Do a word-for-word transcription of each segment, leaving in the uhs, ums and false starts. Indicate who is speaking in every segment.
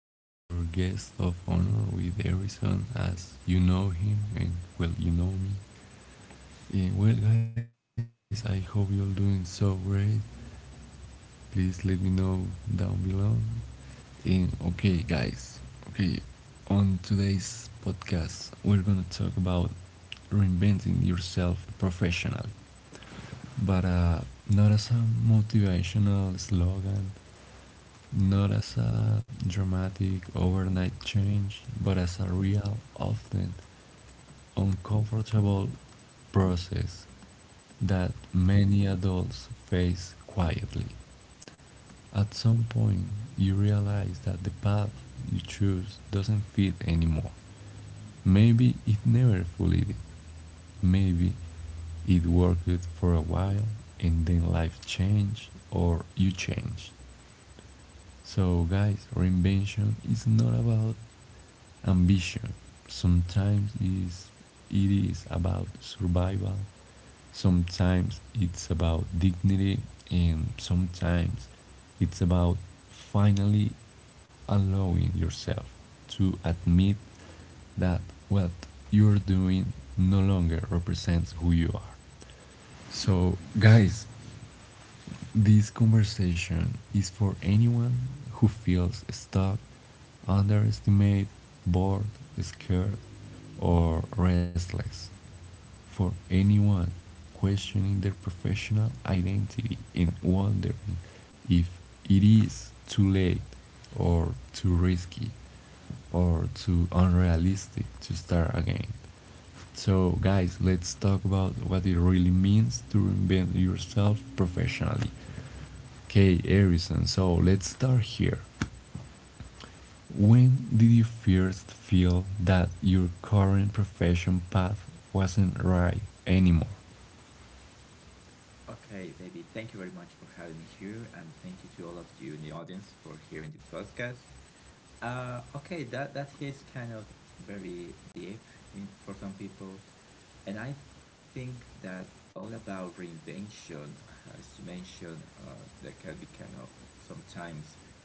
Speaker 1: with our guest of honor, with Harrison, as you know him, and well, you know me. Eh, well, guys, I hope you're doing so great. Please let me know down below. And okay, guys, okay, on today's podcast, we're gonna talk about reinventing yourself professionally. but uh, not as a motivational slogan, not as a dramatic overnight change, but as a real, often uncomfortable process that many adults face quietly. At some point, you realize that the path you choose doesn't fit anymore. Maybe it never fully did. Maybe it worked for a while, and then life changed or you changed. So, guys, reinvention is not about ambition. Sometimes is It is about survival. Sometimes it's about dignity, and sometimes it's about finally allowing yourself to admit that what you're doing no longer represents who you are. So, guys, this conversation is for anyone who feels stuck, underestimated, bored, scared, or restless. For anyone questioning their professional identity and wondering if it is too late or too risky or too unrealistic to start again. So, guys, let's talk about what it really means to reinvent yourself professionally. Okay, Harrison, so let's start here. When did you first feel that your current profession path wasn't right anymore?
Speaker 2: Okay, David, thank you very much for having me here, and thank you to all of you in the audience for hearing this podcast. Uh, okay, that that is kind of very deep in, for some people, and I think that all about reinvention, as you mentioned, uh, that can be kind of sometimes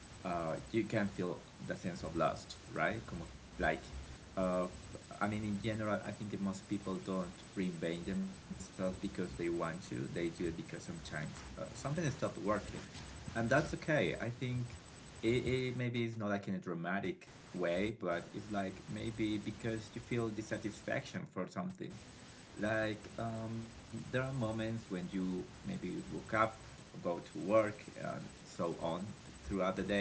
Speaker 2: uh, you can feel the sense of lust, right? Como, like, uh, I mean, in general, I think most people don't reinvent themselves because they want to. They do it because sometimes uh, something stopped working, and that's okay. I think it, it maybe it's not like in a dramatic way, but it's like maybe because you feel dissatisfaction for something like um, there are moments when you maybe woke up, go to work, and so on throughout the day,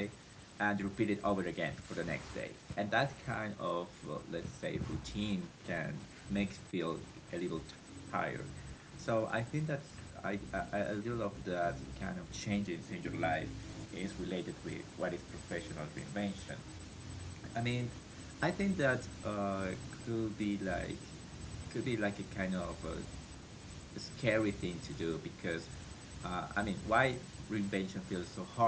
Speaker 2: and repeat it over again for the next day. And that kind of uh, let's say routine can make feel a little tired. So I think that's I, I a little of that kind of changes in your life is related with what is professional reinvention. I mean, I think that uh, could be like could be like a kind of a scary thing to do because uh, I mean, why reinvention feels so hard?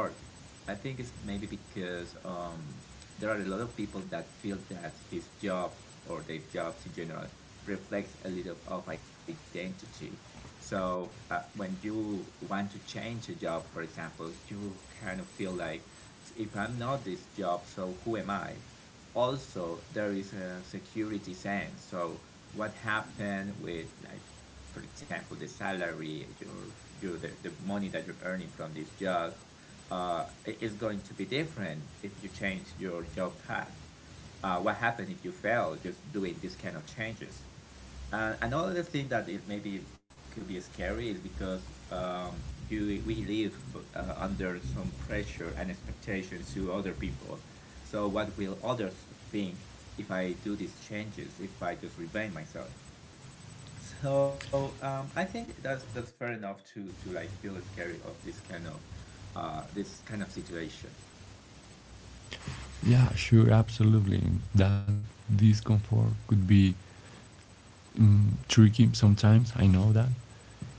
Speaker 2: I think it's maybe because um, there are a lot of people that feel that his job or their jobs in general reflects a little of identity. So uh, when you want to change a job, for example, you kind of feel like if I'm not this job, so who am I? Also, there is a security sense. So what happened with, like, for example, the salary, your your the, the money that you're earning from this job, uh, i- is going to be different if you change your job path. Uh, what happened if you fail just doing these kind of changes? And another thing that it maybe could be scary is because um, you we live uh, under some pressure and expectations to other people. So what will others think if I do these changes? If I just reinvent myself? So um, I think that's that's fair enough to to like feel scary of this kind of uh, this kind of situation.
Speaker 1: Yeah, sure, absolutely. That discomfort could be, mm, tricky sometimes, I know that.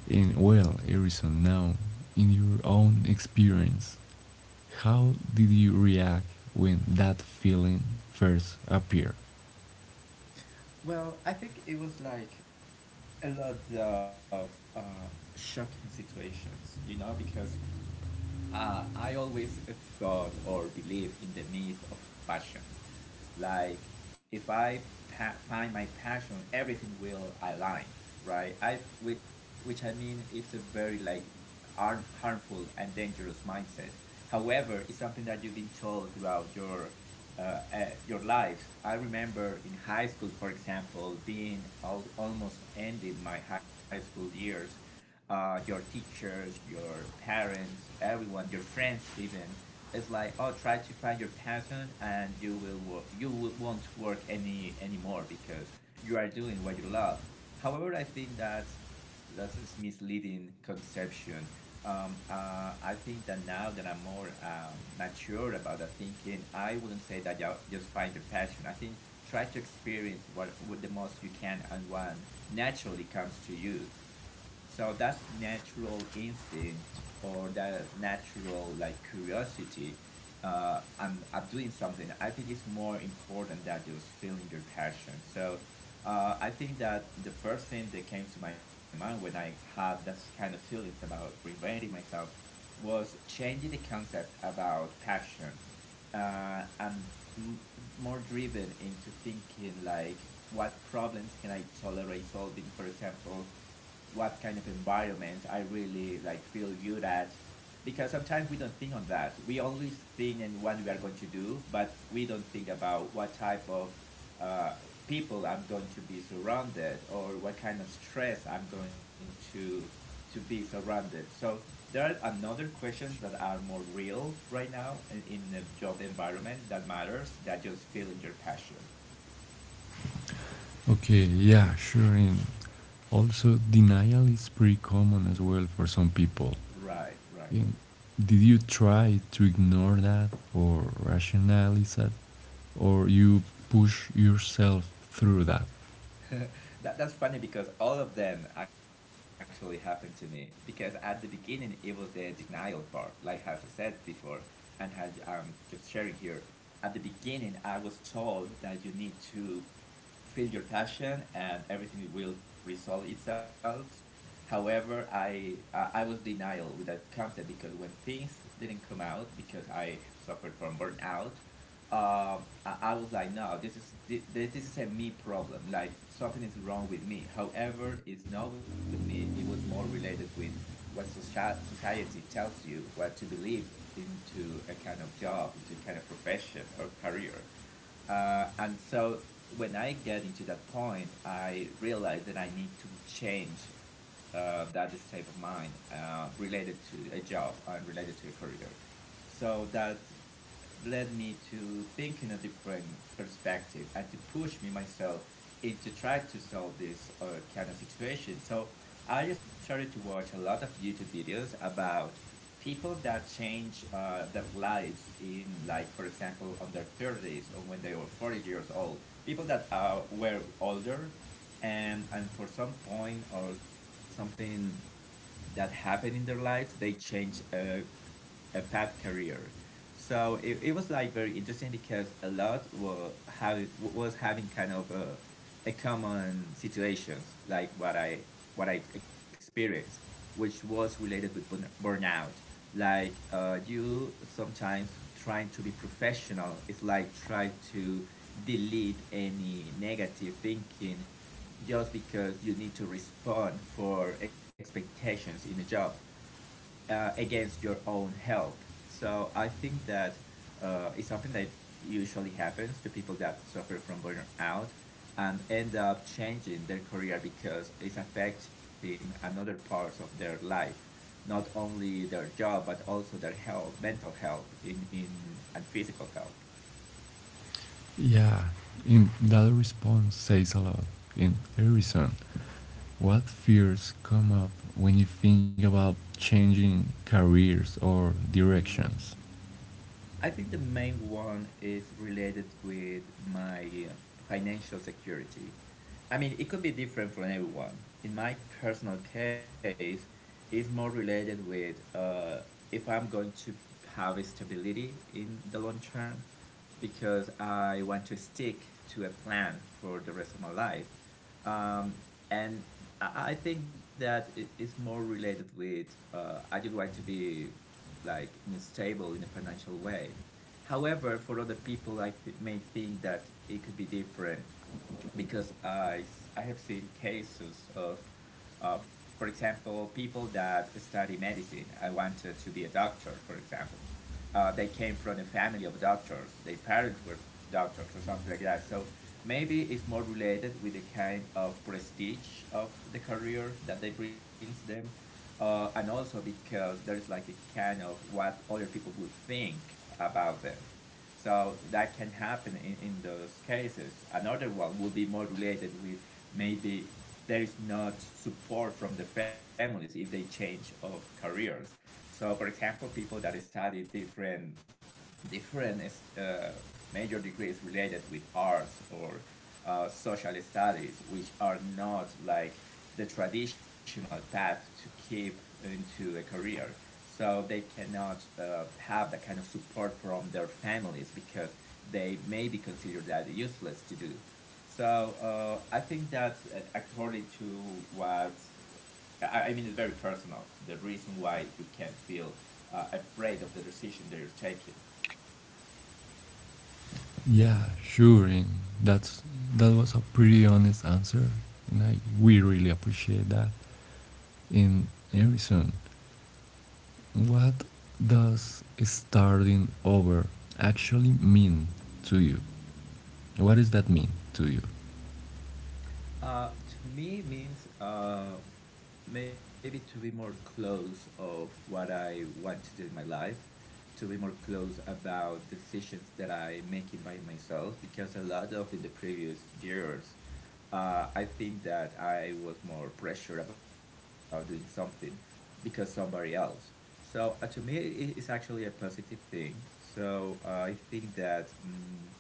Speaker 1: And well, Harrison, now, in your own experience, how did you react when that feeling first appeared?
Speaker 2: Well, I think it was like a lot of uh, shocking situations, you know, because uh, I always thought or believe in the myth of passion. Like, if I pa- find my passion, everything will align, right? I, which I mean, it's a very like harm, harmful and dangerous mindset. However, it's something that you've been told throughout your uh, uh, your life. I remember in high school, for example, being al- almost ending my high school years. Uh, your teachers, your parents, everyone, your friends, even. It's like, oh, try to find your passion, and you will work. You will, won't work any anymore because you are doing what you love. However, I think that's that's a misleading conception. Um, uh, I think that now that I'm more um, mature about that thinking, I wouldn't say that you just find your passion. I think try to experience what, what the most you can and what naturally comes to you. So that's natural instinct or that natural like curiosity uh, and at doing something, I think it's more important than just feeling your passion. So uh, I think that the first thing that came to my mind when I had this kind of feelings about reinventing myself was changing the concept about passion uh, and m- more driven into thinking like what problems can I tolerate solving, for example, what kind of environments I really like feel good at. Because sometimes we don't think on that. We always think in what we are going to do, but we don't think about what type of uh, people I'm going to be surrounded or what kind of stress I'm going to to be surrounded. So there are another questions that are more real right now in, in the job environment that matters that just feeling your passion.
Speaker 1: Okay, yeah, sure. And also, denial is pretty common as well for some people.
Speaker 2: Right, right.
Speaker 1: And did you try to ignore that or rationalize that? Or you push yourself through that?
Speaker 2: that, that's funny because all of them actually happened to me, because at the beginning it was the denial part. Like, as I said before, and as I'm just sharing here, at the beginning I was told that you need to feel your passion and everything will resolve itself. However, i uh, i was denial with that concept because when things didn't come out, because I suffered from burnout. um, I, I was like, no, this is this this is a me problem. Like, something is wrong with me. However, it's not with me. It was more related with what socia- society tells you what to believe into a kind of job, into a kind of profession or career. Uh, and so when I get into that point, I realize that I need to change uh, that state of mind uh, related to a job and related to a career. So that led me to think in a different perspective and to push me myself into try to solve this uh, kind of situation. So I started to watch a lot of YouTube videos about people that change uh, their lives in, like, for example, on their thirties or when they were forty years old. People that are were older, and and for some point or something that happened in their lives, they change uh, a pet career. So it, it was like very interesting because a lot were having was having kind of a, a common situations like what I what I experienced, which was related with burn, burnout. Like uh, you sometimes trying to be professional is like try to delete any negative thinking just because you need to respond for expectations in a job uh, against your own health. So I think that uh, it's something that usually happens to people that suffer from burnout and end up changing their career because it's affecting another parts of their life, not only their job but also their health, mental health, in, in and physical health.
Speaker 1: Yeah, and that response says a lot. In Harrison, what fears come up when you think about changing careers or directions?
Speaker 2: I think the main one is related with my uh, financial security. I mean, it could be different from everyone. In my personal case, it's more related with uh, if I'm going to have a stability in the long term because I want to stick to a plan for the rest of my life. Um, and I I think that it- it's more related with uh, I just want to be like in a stable in a financial way. However, for other people, I th- may think that it could be different because I, s- I have seen cases of, uh, for example, people that study medicine. I wanted to be a doctor, for example. Uh, they came from a family of doctors. Their parents were doctors or something like that. So maybe it's more related with the kind of prestige of the career that they brings them. Uh, and also because there is like a kind of what other people would think about them, so that can happen in, in those cases. Another one will be more related with maybe there is not support from the families if they change of careers. So, for example, people that study different different uh, major degrees related with arts or uh, social studies, which are not like the traditional path to keep into a career. So they cannot uh, have that kind of support from their families because they may be considered that useless to do. So uh, I think that uh, according to what I mean, it's very personal. The reason why you can feel uh, afraid of the decision that you're taking.
Speaker 1: Yeah, sure. And that's that was a pretty honest answer, and I we really appreciate that. In Harrison, what does starting over actually mean to you? What does that mean to you?
Speaker 2: Uh, to me means uh, maybe to be more close of what I want to do in my life, to be more close about decisions that I making by myself because a lot of in the previous years, uh, I think that I was more pressured about doing something because somebody else. So uh, to me, i- it's actually a positive thing. So uh, I think that. Um,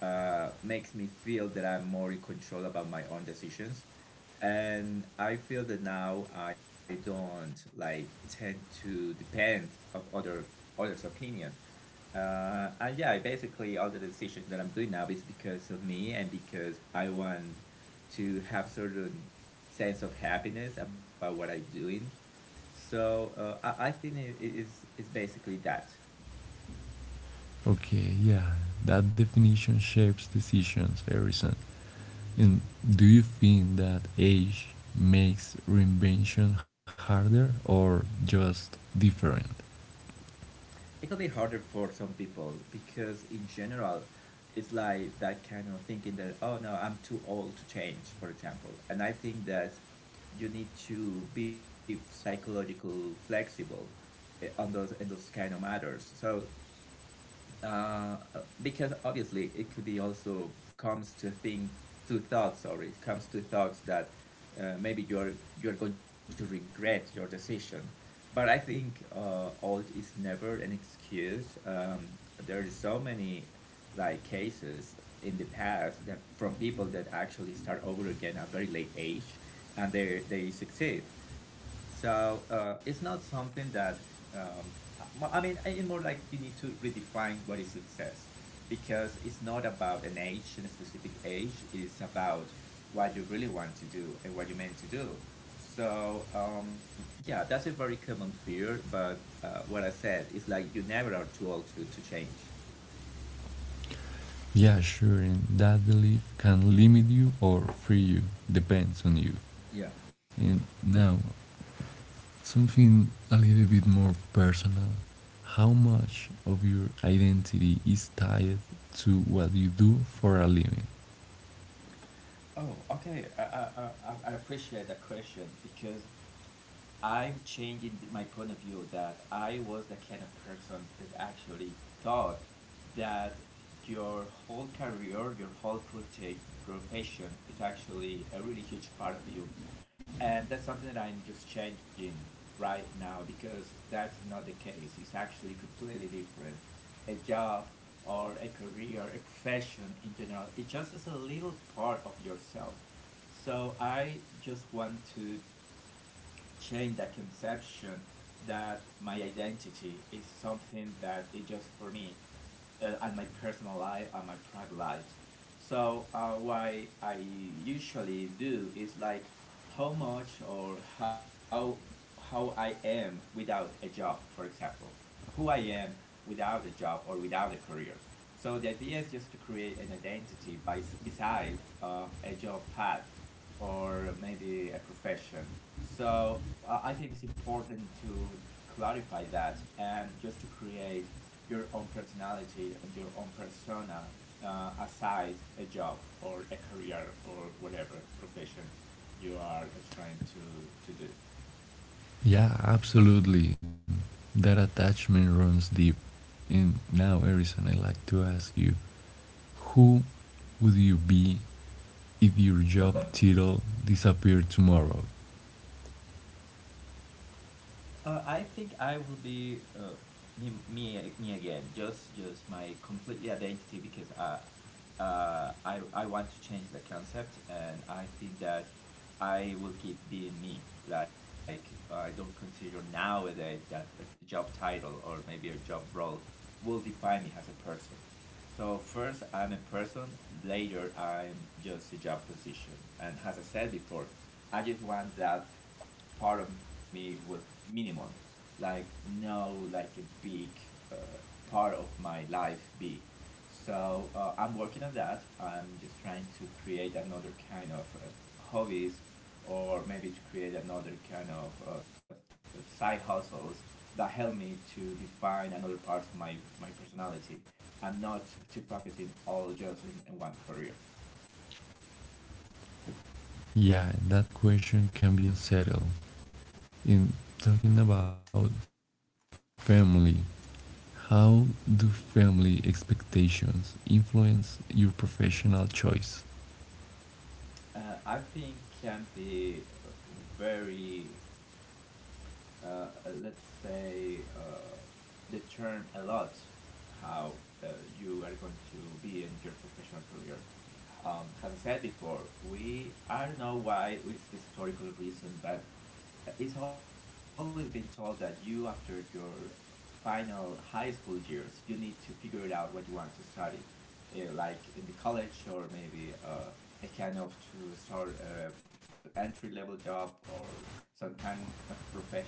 Speaker 2: uh, makes me feel that I'm more in control about my own decisions. And I feel that now I don't like tend to depend of other others' opinion. Uh, and yeah, basically all the decisions that I'm doing now is because of me and because I want to have certain sense of happiness about what I'm doing. So uh, I, I think it is is basically that.
Speaker 1: Okay, yeah, that definition shapes decisions, Harrison. And do you think that age makes reinvention harder or just different?
Speaker 2: It could be harder for some people because in general, it's like that kind of thinking that, oh, no, I'm too old to change, for example. And I think that you need to be psychological flexible, eh, on those in those kind of matters. So uh, because obviously it could be also comes to think to thoughts. Sorry, it comes to thoughts that uh, maybe you're you're going to regret your decision. But I think uh, old is never an excuse. Um, there is so many like cases in the past that from people that actually start over again at very late age and they they succeed. So uh, it's not something that um, I I mean it's more like you need to redefine what is success, because it's not about an age and a specific age, it's about what you really want to do and what you meant to do. So um, yeah, that's a very common fear, but uh, what I said is like you never are too old to, to change.
Speaker 1: Yeah, sure, and that belief can limit you or free you, depends on you.
Speaker 2: Yeah.
Speaker 1: And now, something a little bit more personal. How much of your identity is tied to what you do for a living?
Speaker 2: Oh, okay. I, I, I, I appreciate that question because I'm changing th- my point of view that I was the kind of person that actually thought that your whole career, your whole prote- profession is actually a really huge part of you, and that's something that I'm just changing right now, because that's not the case, it's actually completely different. A job or a career, a profession in general, it just is a little part of yourself. So I just want to change that conception, that my identity is something that is just for me uh, and my personal life and my private lives. So uh, what I usually do is like how much or how how I am without a job, for example, who I am without a job or without a career. So the idea is just to create an identity by beside uh, a job path or maybe a profession. So I I think it's important to clarify that and just to create your own personality and your own persona uh, aside a job or a career or whatever profession you are trying to, to do.
Speaker 1: Yeah, absolutely. That attachment runs deep. And now, Erison, I'd like to ask you, who would you be if your job title disappeared tomorrow?
Speaker 2: Uh, I think I will be uh, me, me, me again. Just, just my completely identity because uh, uh, I, I want to change the concept, and I think that I will keep being me. Like I don't consider nowadays that a job title or maybe a job role will define me as a person. So first I'm a person, later I'm just a job position. And as I said before, I just want that part of me was minimum, like no like a big uh, part of my life be. So uh, I'm working on that. I'm just trying to create another kind of uh, hobbies, or maybe to create another kind of uh, side hustles that help me to define another part of my, my personality, and not to focus in all just in, in one career.
Speaker 1: Yeah, that question can be unsettled. In talking about family, how do family expectations influence your professional choice?
Speaker 2: Uh, I think can be very, uh, uh, let's say, uh, determine a lot how uh, you are going to be in your professional career. Um, as I said before, we I don't know why it's the historical reason, but it's always been told that you after your final high school years you need to figure it out what you want to study, uh, like in the college or maybe uh, a kind of to start a entry level job or some kind of profession.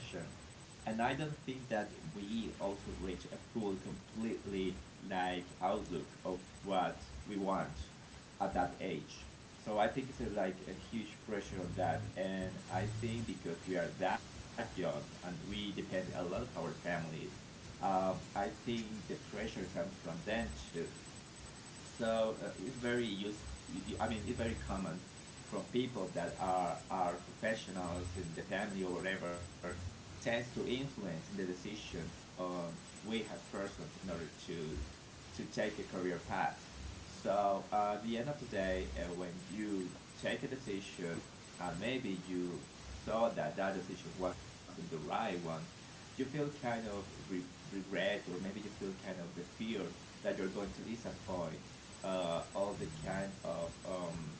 Speaker 2: And I don't think that we also reach a full, completely like outlook of what we want at that age. So I think it's a, like a huge pressure on that, and I think because we are that young and we depend a lot of our family, um, I think the pressure comes from them too. So uh, it's very useful, I mean it's very common from people that are are professionals in the family or whatever tends to influence in the decision on we as persons in order to to take a career path. So uh, at the end of the day uh, when you take a decision, and maybe you saw that that decision wasn't the right one, you feel kind of re- regret, or maybe you feel kind of the fear that you're going to disappoint uh, all the kind of um,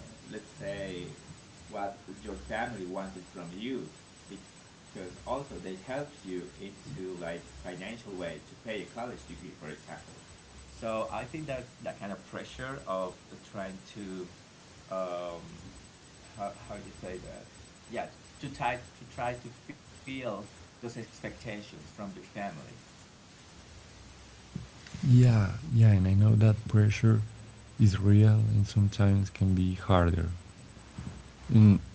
Speaker 2: uh, let's say what your family wanted from you, because also they helps you into like financial way to pay a college degree, for example. So I think that's that kind of pressure of trying to um, how how you say that? Yeah, to, to try to try to feel those expectations from your family.
Speaker 1: Yeah, yeah, and I know that pressure is real and sometimes can be harder. And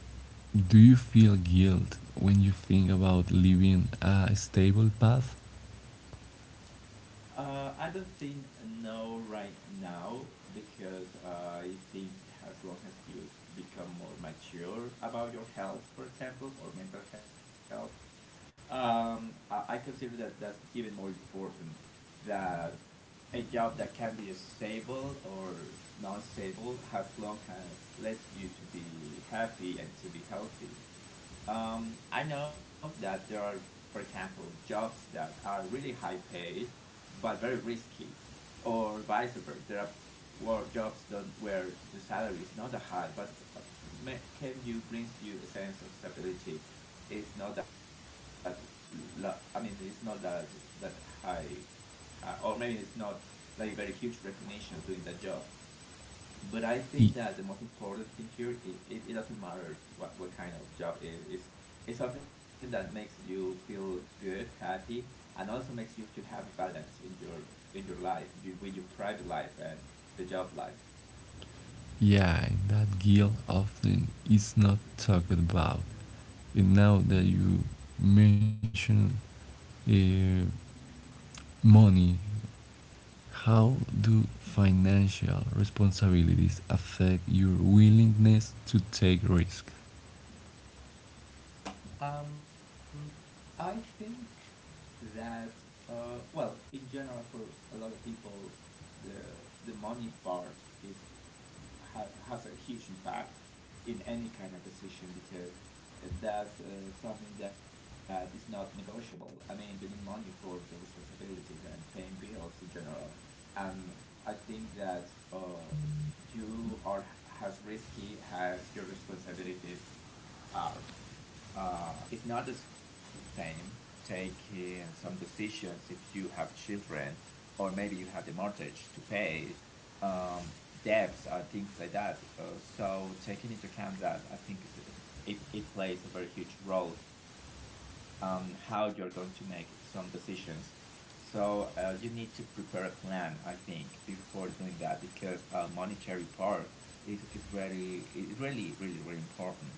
Speaker 1: do you feel guilt when you think about leaving a stable path?
Speaker 2: Uh, I don't think no right now, because uh, I think as long as you become more mature about your health, for example, or mental health, um, I, I consider that that's even more important that a job that can be stable or not stable, as long as lets you to be happy and to be healthy. Um, I know that there are, for example, jobs that are really high paid but very risky, or vice versa. There are work jobs done where the salary is not that high, but uh, can you brings you a sense of stability? It's not that. lo- I mean, it's not that that high, high, or maybe it's not like very huge recognition doing that job, but I think that
Speaker 1: Y-
Speaker 2: the most important thing here, it, it, it doesn't matter what, what kind of job it is. It's, it's something that makes you feel good, happy, and also makes you to have a balance in your in your life, you, with your private life and the job life.
Speaker 1: Yeah, that guilt often is not talked about. And now that you mention uh, money, how do financial responsibilities affect your willingness to take risk?
Speaker 2: Um, I think that uh, well, in general, for a lot of people, the the money part is ha, has a huge impact in any kind of decision, because that's uh, something that is not negotiable. I mean, you need money for your responsibilities and paying bills in general, and I think that uh, you are as risky as your responsibilities are. Uh, it's not the same taking some decisions if you have children, or maybe you have the mortgage to pay, um, debts or things like that. Uh, so taking into account that, I think it's, it, it plays a very huge role on how you're going to make some decisions. So uh, you need to prepare a plan, I think, before doing that, because uh, monetary part is is really is really really really important.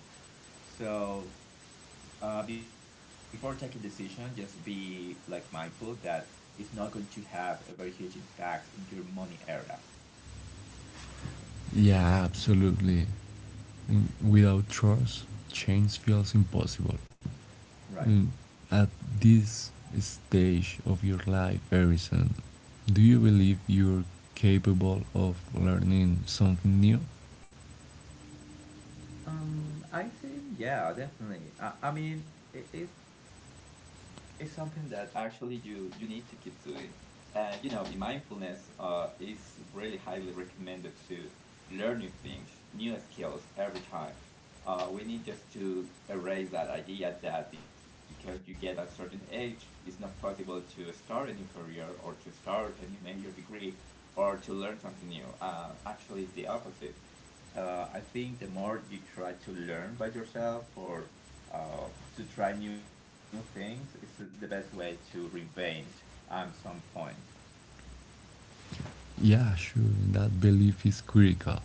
Speaker 2: So uh, before taking decision, just be like mindful that it's not going to have a very huge impact in your money area.
Speaker 1: Yeah, absolutely. Mm, Without trust, change feels impossible.
Speaker 2: Right.
Speaker 1: Mm, At this stage of your life, Harrison, do you believe you're capable of learning something new?
Speaker 2: Um, I think yeah, definitely. I, I mean, it, it's it's something that actually you you need to keep doing, and you know, in mindfulness, uh, it's really highly recommended to learn new things, new skills every time. Uh, we need just to erase that idea that because you get at certain age, it's not possible to start a new career or to start a new major degree or to learn something new. Uh, actually, it's the opposite. uh, I think the more you try to learn by yourself or uh, to try new things, it's the best way to reinvent at some point.
Speaker 1: Yeah, sure, that belief is critical.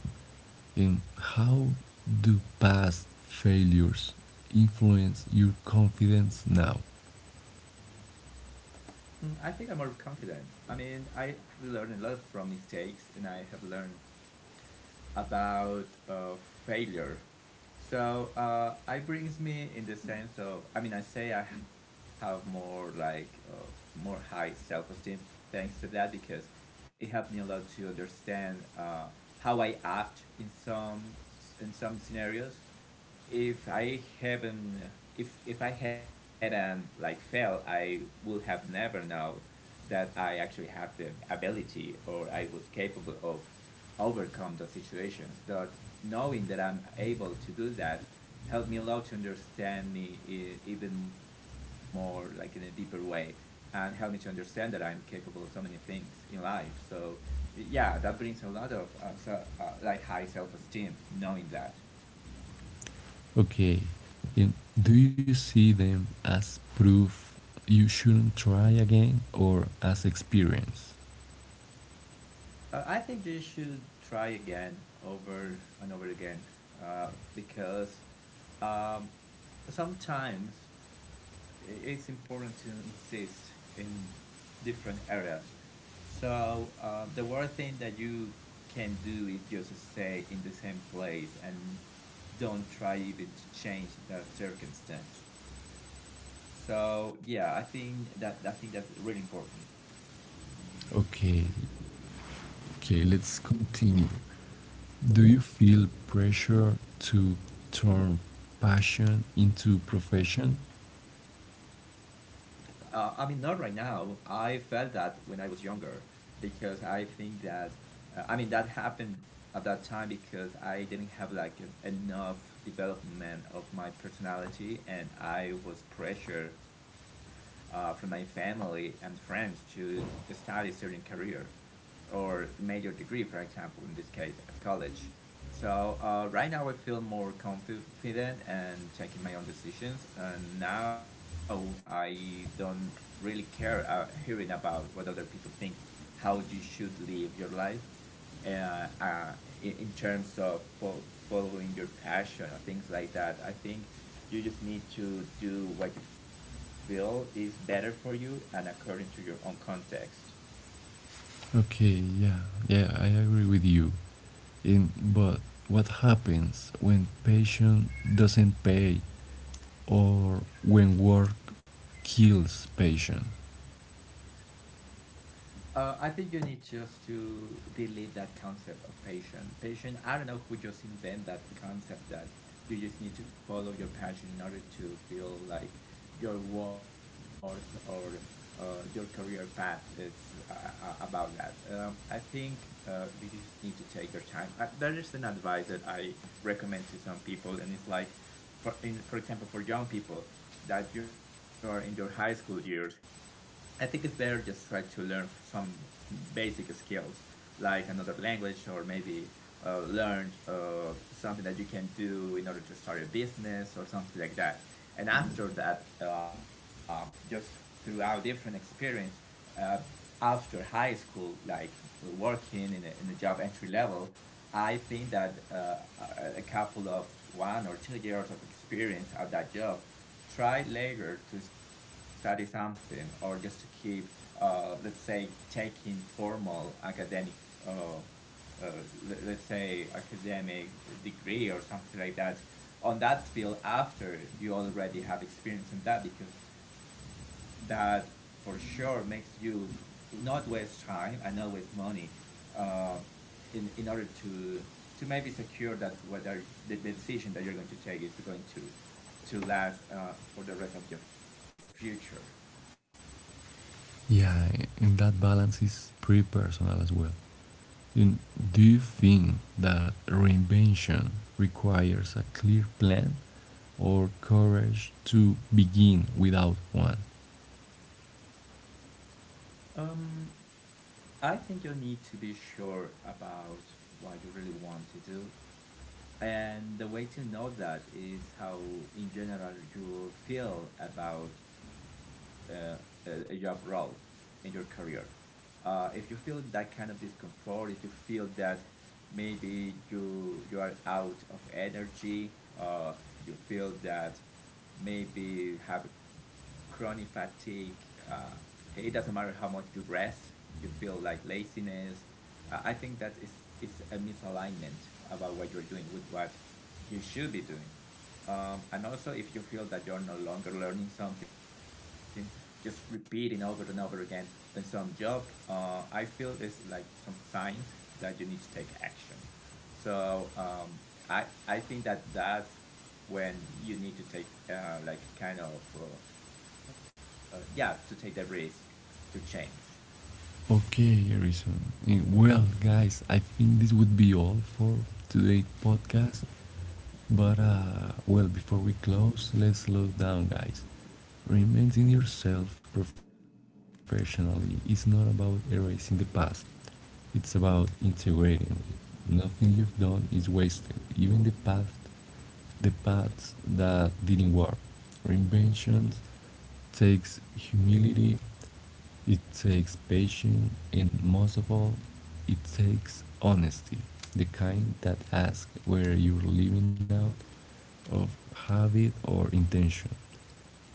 Speaker 1: And how do past failures influence your confidence now?
Speaker 2: Mm, I think I'm more confident. I mean, I have learned a lot from mistakes, and I have learned about uh, failure. So uh, I brings me in the sense of I mean I say I have more like uh, more high self esteem thanks to that, because it helped me a lot to understand uh, how I act in some in some scenarios. If I haven't if if I hadn't like failed, I would have never known that I actually have the ability or I was capable of overcome those situations. That knowing that I'm able to do that helped me a lot to understand me e- even more like in a deeper way, and helped me to understand that I'm capable of so many things in life. So yeah, that brings a lot of uh, so, uh, like high self-esteem knowing that.
Speaker 1: Okay. And do you see them as proof you shouldn't try again or as experience?
Speaker 2: Uh, I think you should try again over and over again uh, because um, sometimes it's important to insist in different areas. So uh, the one thing that you can do is just stay in the same place and don't try even to change that circumstance. So yeah, I think that I think that's really important.
Speaker 1: Okay. Okay, let's continue. Do you feel pressure to turn passion into profession?
Speaker 2: Uh, I mean, not right now. I felt that when I was younger, because I think that, uh, I mean, that happened at that time because I didn't have like e- enough development of my personality, and I was pressured uh, from my family and friends to study certain career or major degree, for example, in this case at college. So uh, right now I feel more confident and taking my own decisions, and now I don't really care uh, hearing about what other people think, how you should live your life, uh, uh, in, terms of fo- following your passion or things like that. I think you just need to do what you feel is better for you and according to your own context.
Speaker 1: Okay, yeah. Yeah, I agree with you. In, but what happens when passion doesn't pay or when work kills passion?
Speaker 2: Uh, I think you need just to delete that concept of patient. Patient, I don't know who just invent that concept that you just need to follow your passion in order to feel like your worth or uh, your career path is uh, uh, about that. Um, I think uh, you just need to take your time. Uh, there is an advice that I recommend to some people, and it's like, for in for example, for young people that you are in your high school years, I think it's better just try to learn some basic skills like another language, or maybe uh, learn uh, something that you can do in order to start a business or something like that. And after that, uh, just throughout different experience, uh, after high school, like working in a, in a job entry level, I think that uh, a- a couple of one or two years of experience at that job, try later to study something or just to keep, uh, let's say, taking formal academic uh, uh, let, let's say academic degree or something like that on that field after you already have experience in that, because that for sure makes you not waste time and not waste money uh, in in order to to maybe secure that whether the, the decision that you're going to take is going to to last uh, for the rest of your future.
Speaker 1: Yeah, and that balance is pretty personal as well. And do you think that reinvention requires a clear plan or courage to begin without one?
Speaker 2: Um, I think you need to be sure about what you really want to do. And the way to know that is how, in general, you feel about uh, a a job role in your career. Uh, if you feel that kind of discomfort, if you feel that maybe you you are out of energy, uh, you feel that maybe have a chronic fatigue. Uh, it doesn't matter how much you rest, you feel like laziness. Uh, I think that is is a misalignment about what you're doing with what you should be doing. Um, and also, if you feel that you're no longer learning something, just repeating over and over again in some job, uh, I feel there's like some signs that you need to take action. So um, I I think that that's when you need to take uh, like kind of uh, uh, yeah to take the risk to change.
Speaker 1: Okay, Harrison. Eh, Well, guys, I think this would be all for today's podcast. But, uh, well, before we close, let's slow down, guys. Reinventing yourself professionally is not about erasing the past. It's about integrating it. Nothing you've done is wasted. Even the path, the paths that didn't work. Reinvention takes humility. It takes patience, and most of all, it takes honesty. The kind that asks where you're living out of habit or intention.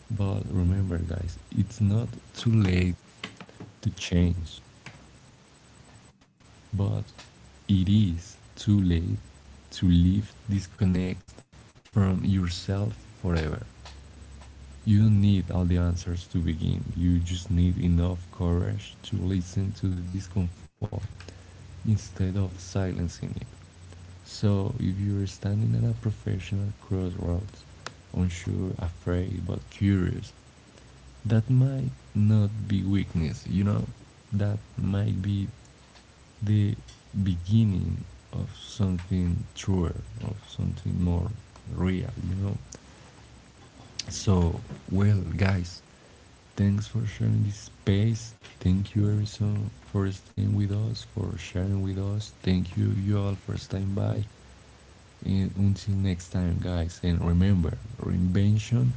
Speaker 1: But remember, guys, it's not too late to change. But it is too late to live disconnected from yourself forever. You don't need all the answers to begin, you just need enough courage to listen to the discomfort instead of silencing it. So, if you're standing at a professional crossroads, unsure, afraid, but curious, that might not be weakness, you know? That might be the beginning of something truer, of something more real, you know? So, well, guys, thanks for sharing this space. Thank you, Harrison, for staying with us, for sharing with us. Thank you, you all, for staying by. And until next time, guys, and remember, reinvention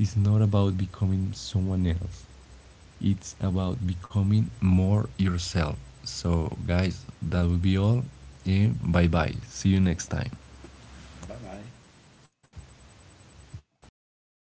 Speaker 1: is not about becoming someone else. It's about becoming more yourself. So, guys, that will be all. And bye bye. See you next time.
Speaker 2: Bye bye.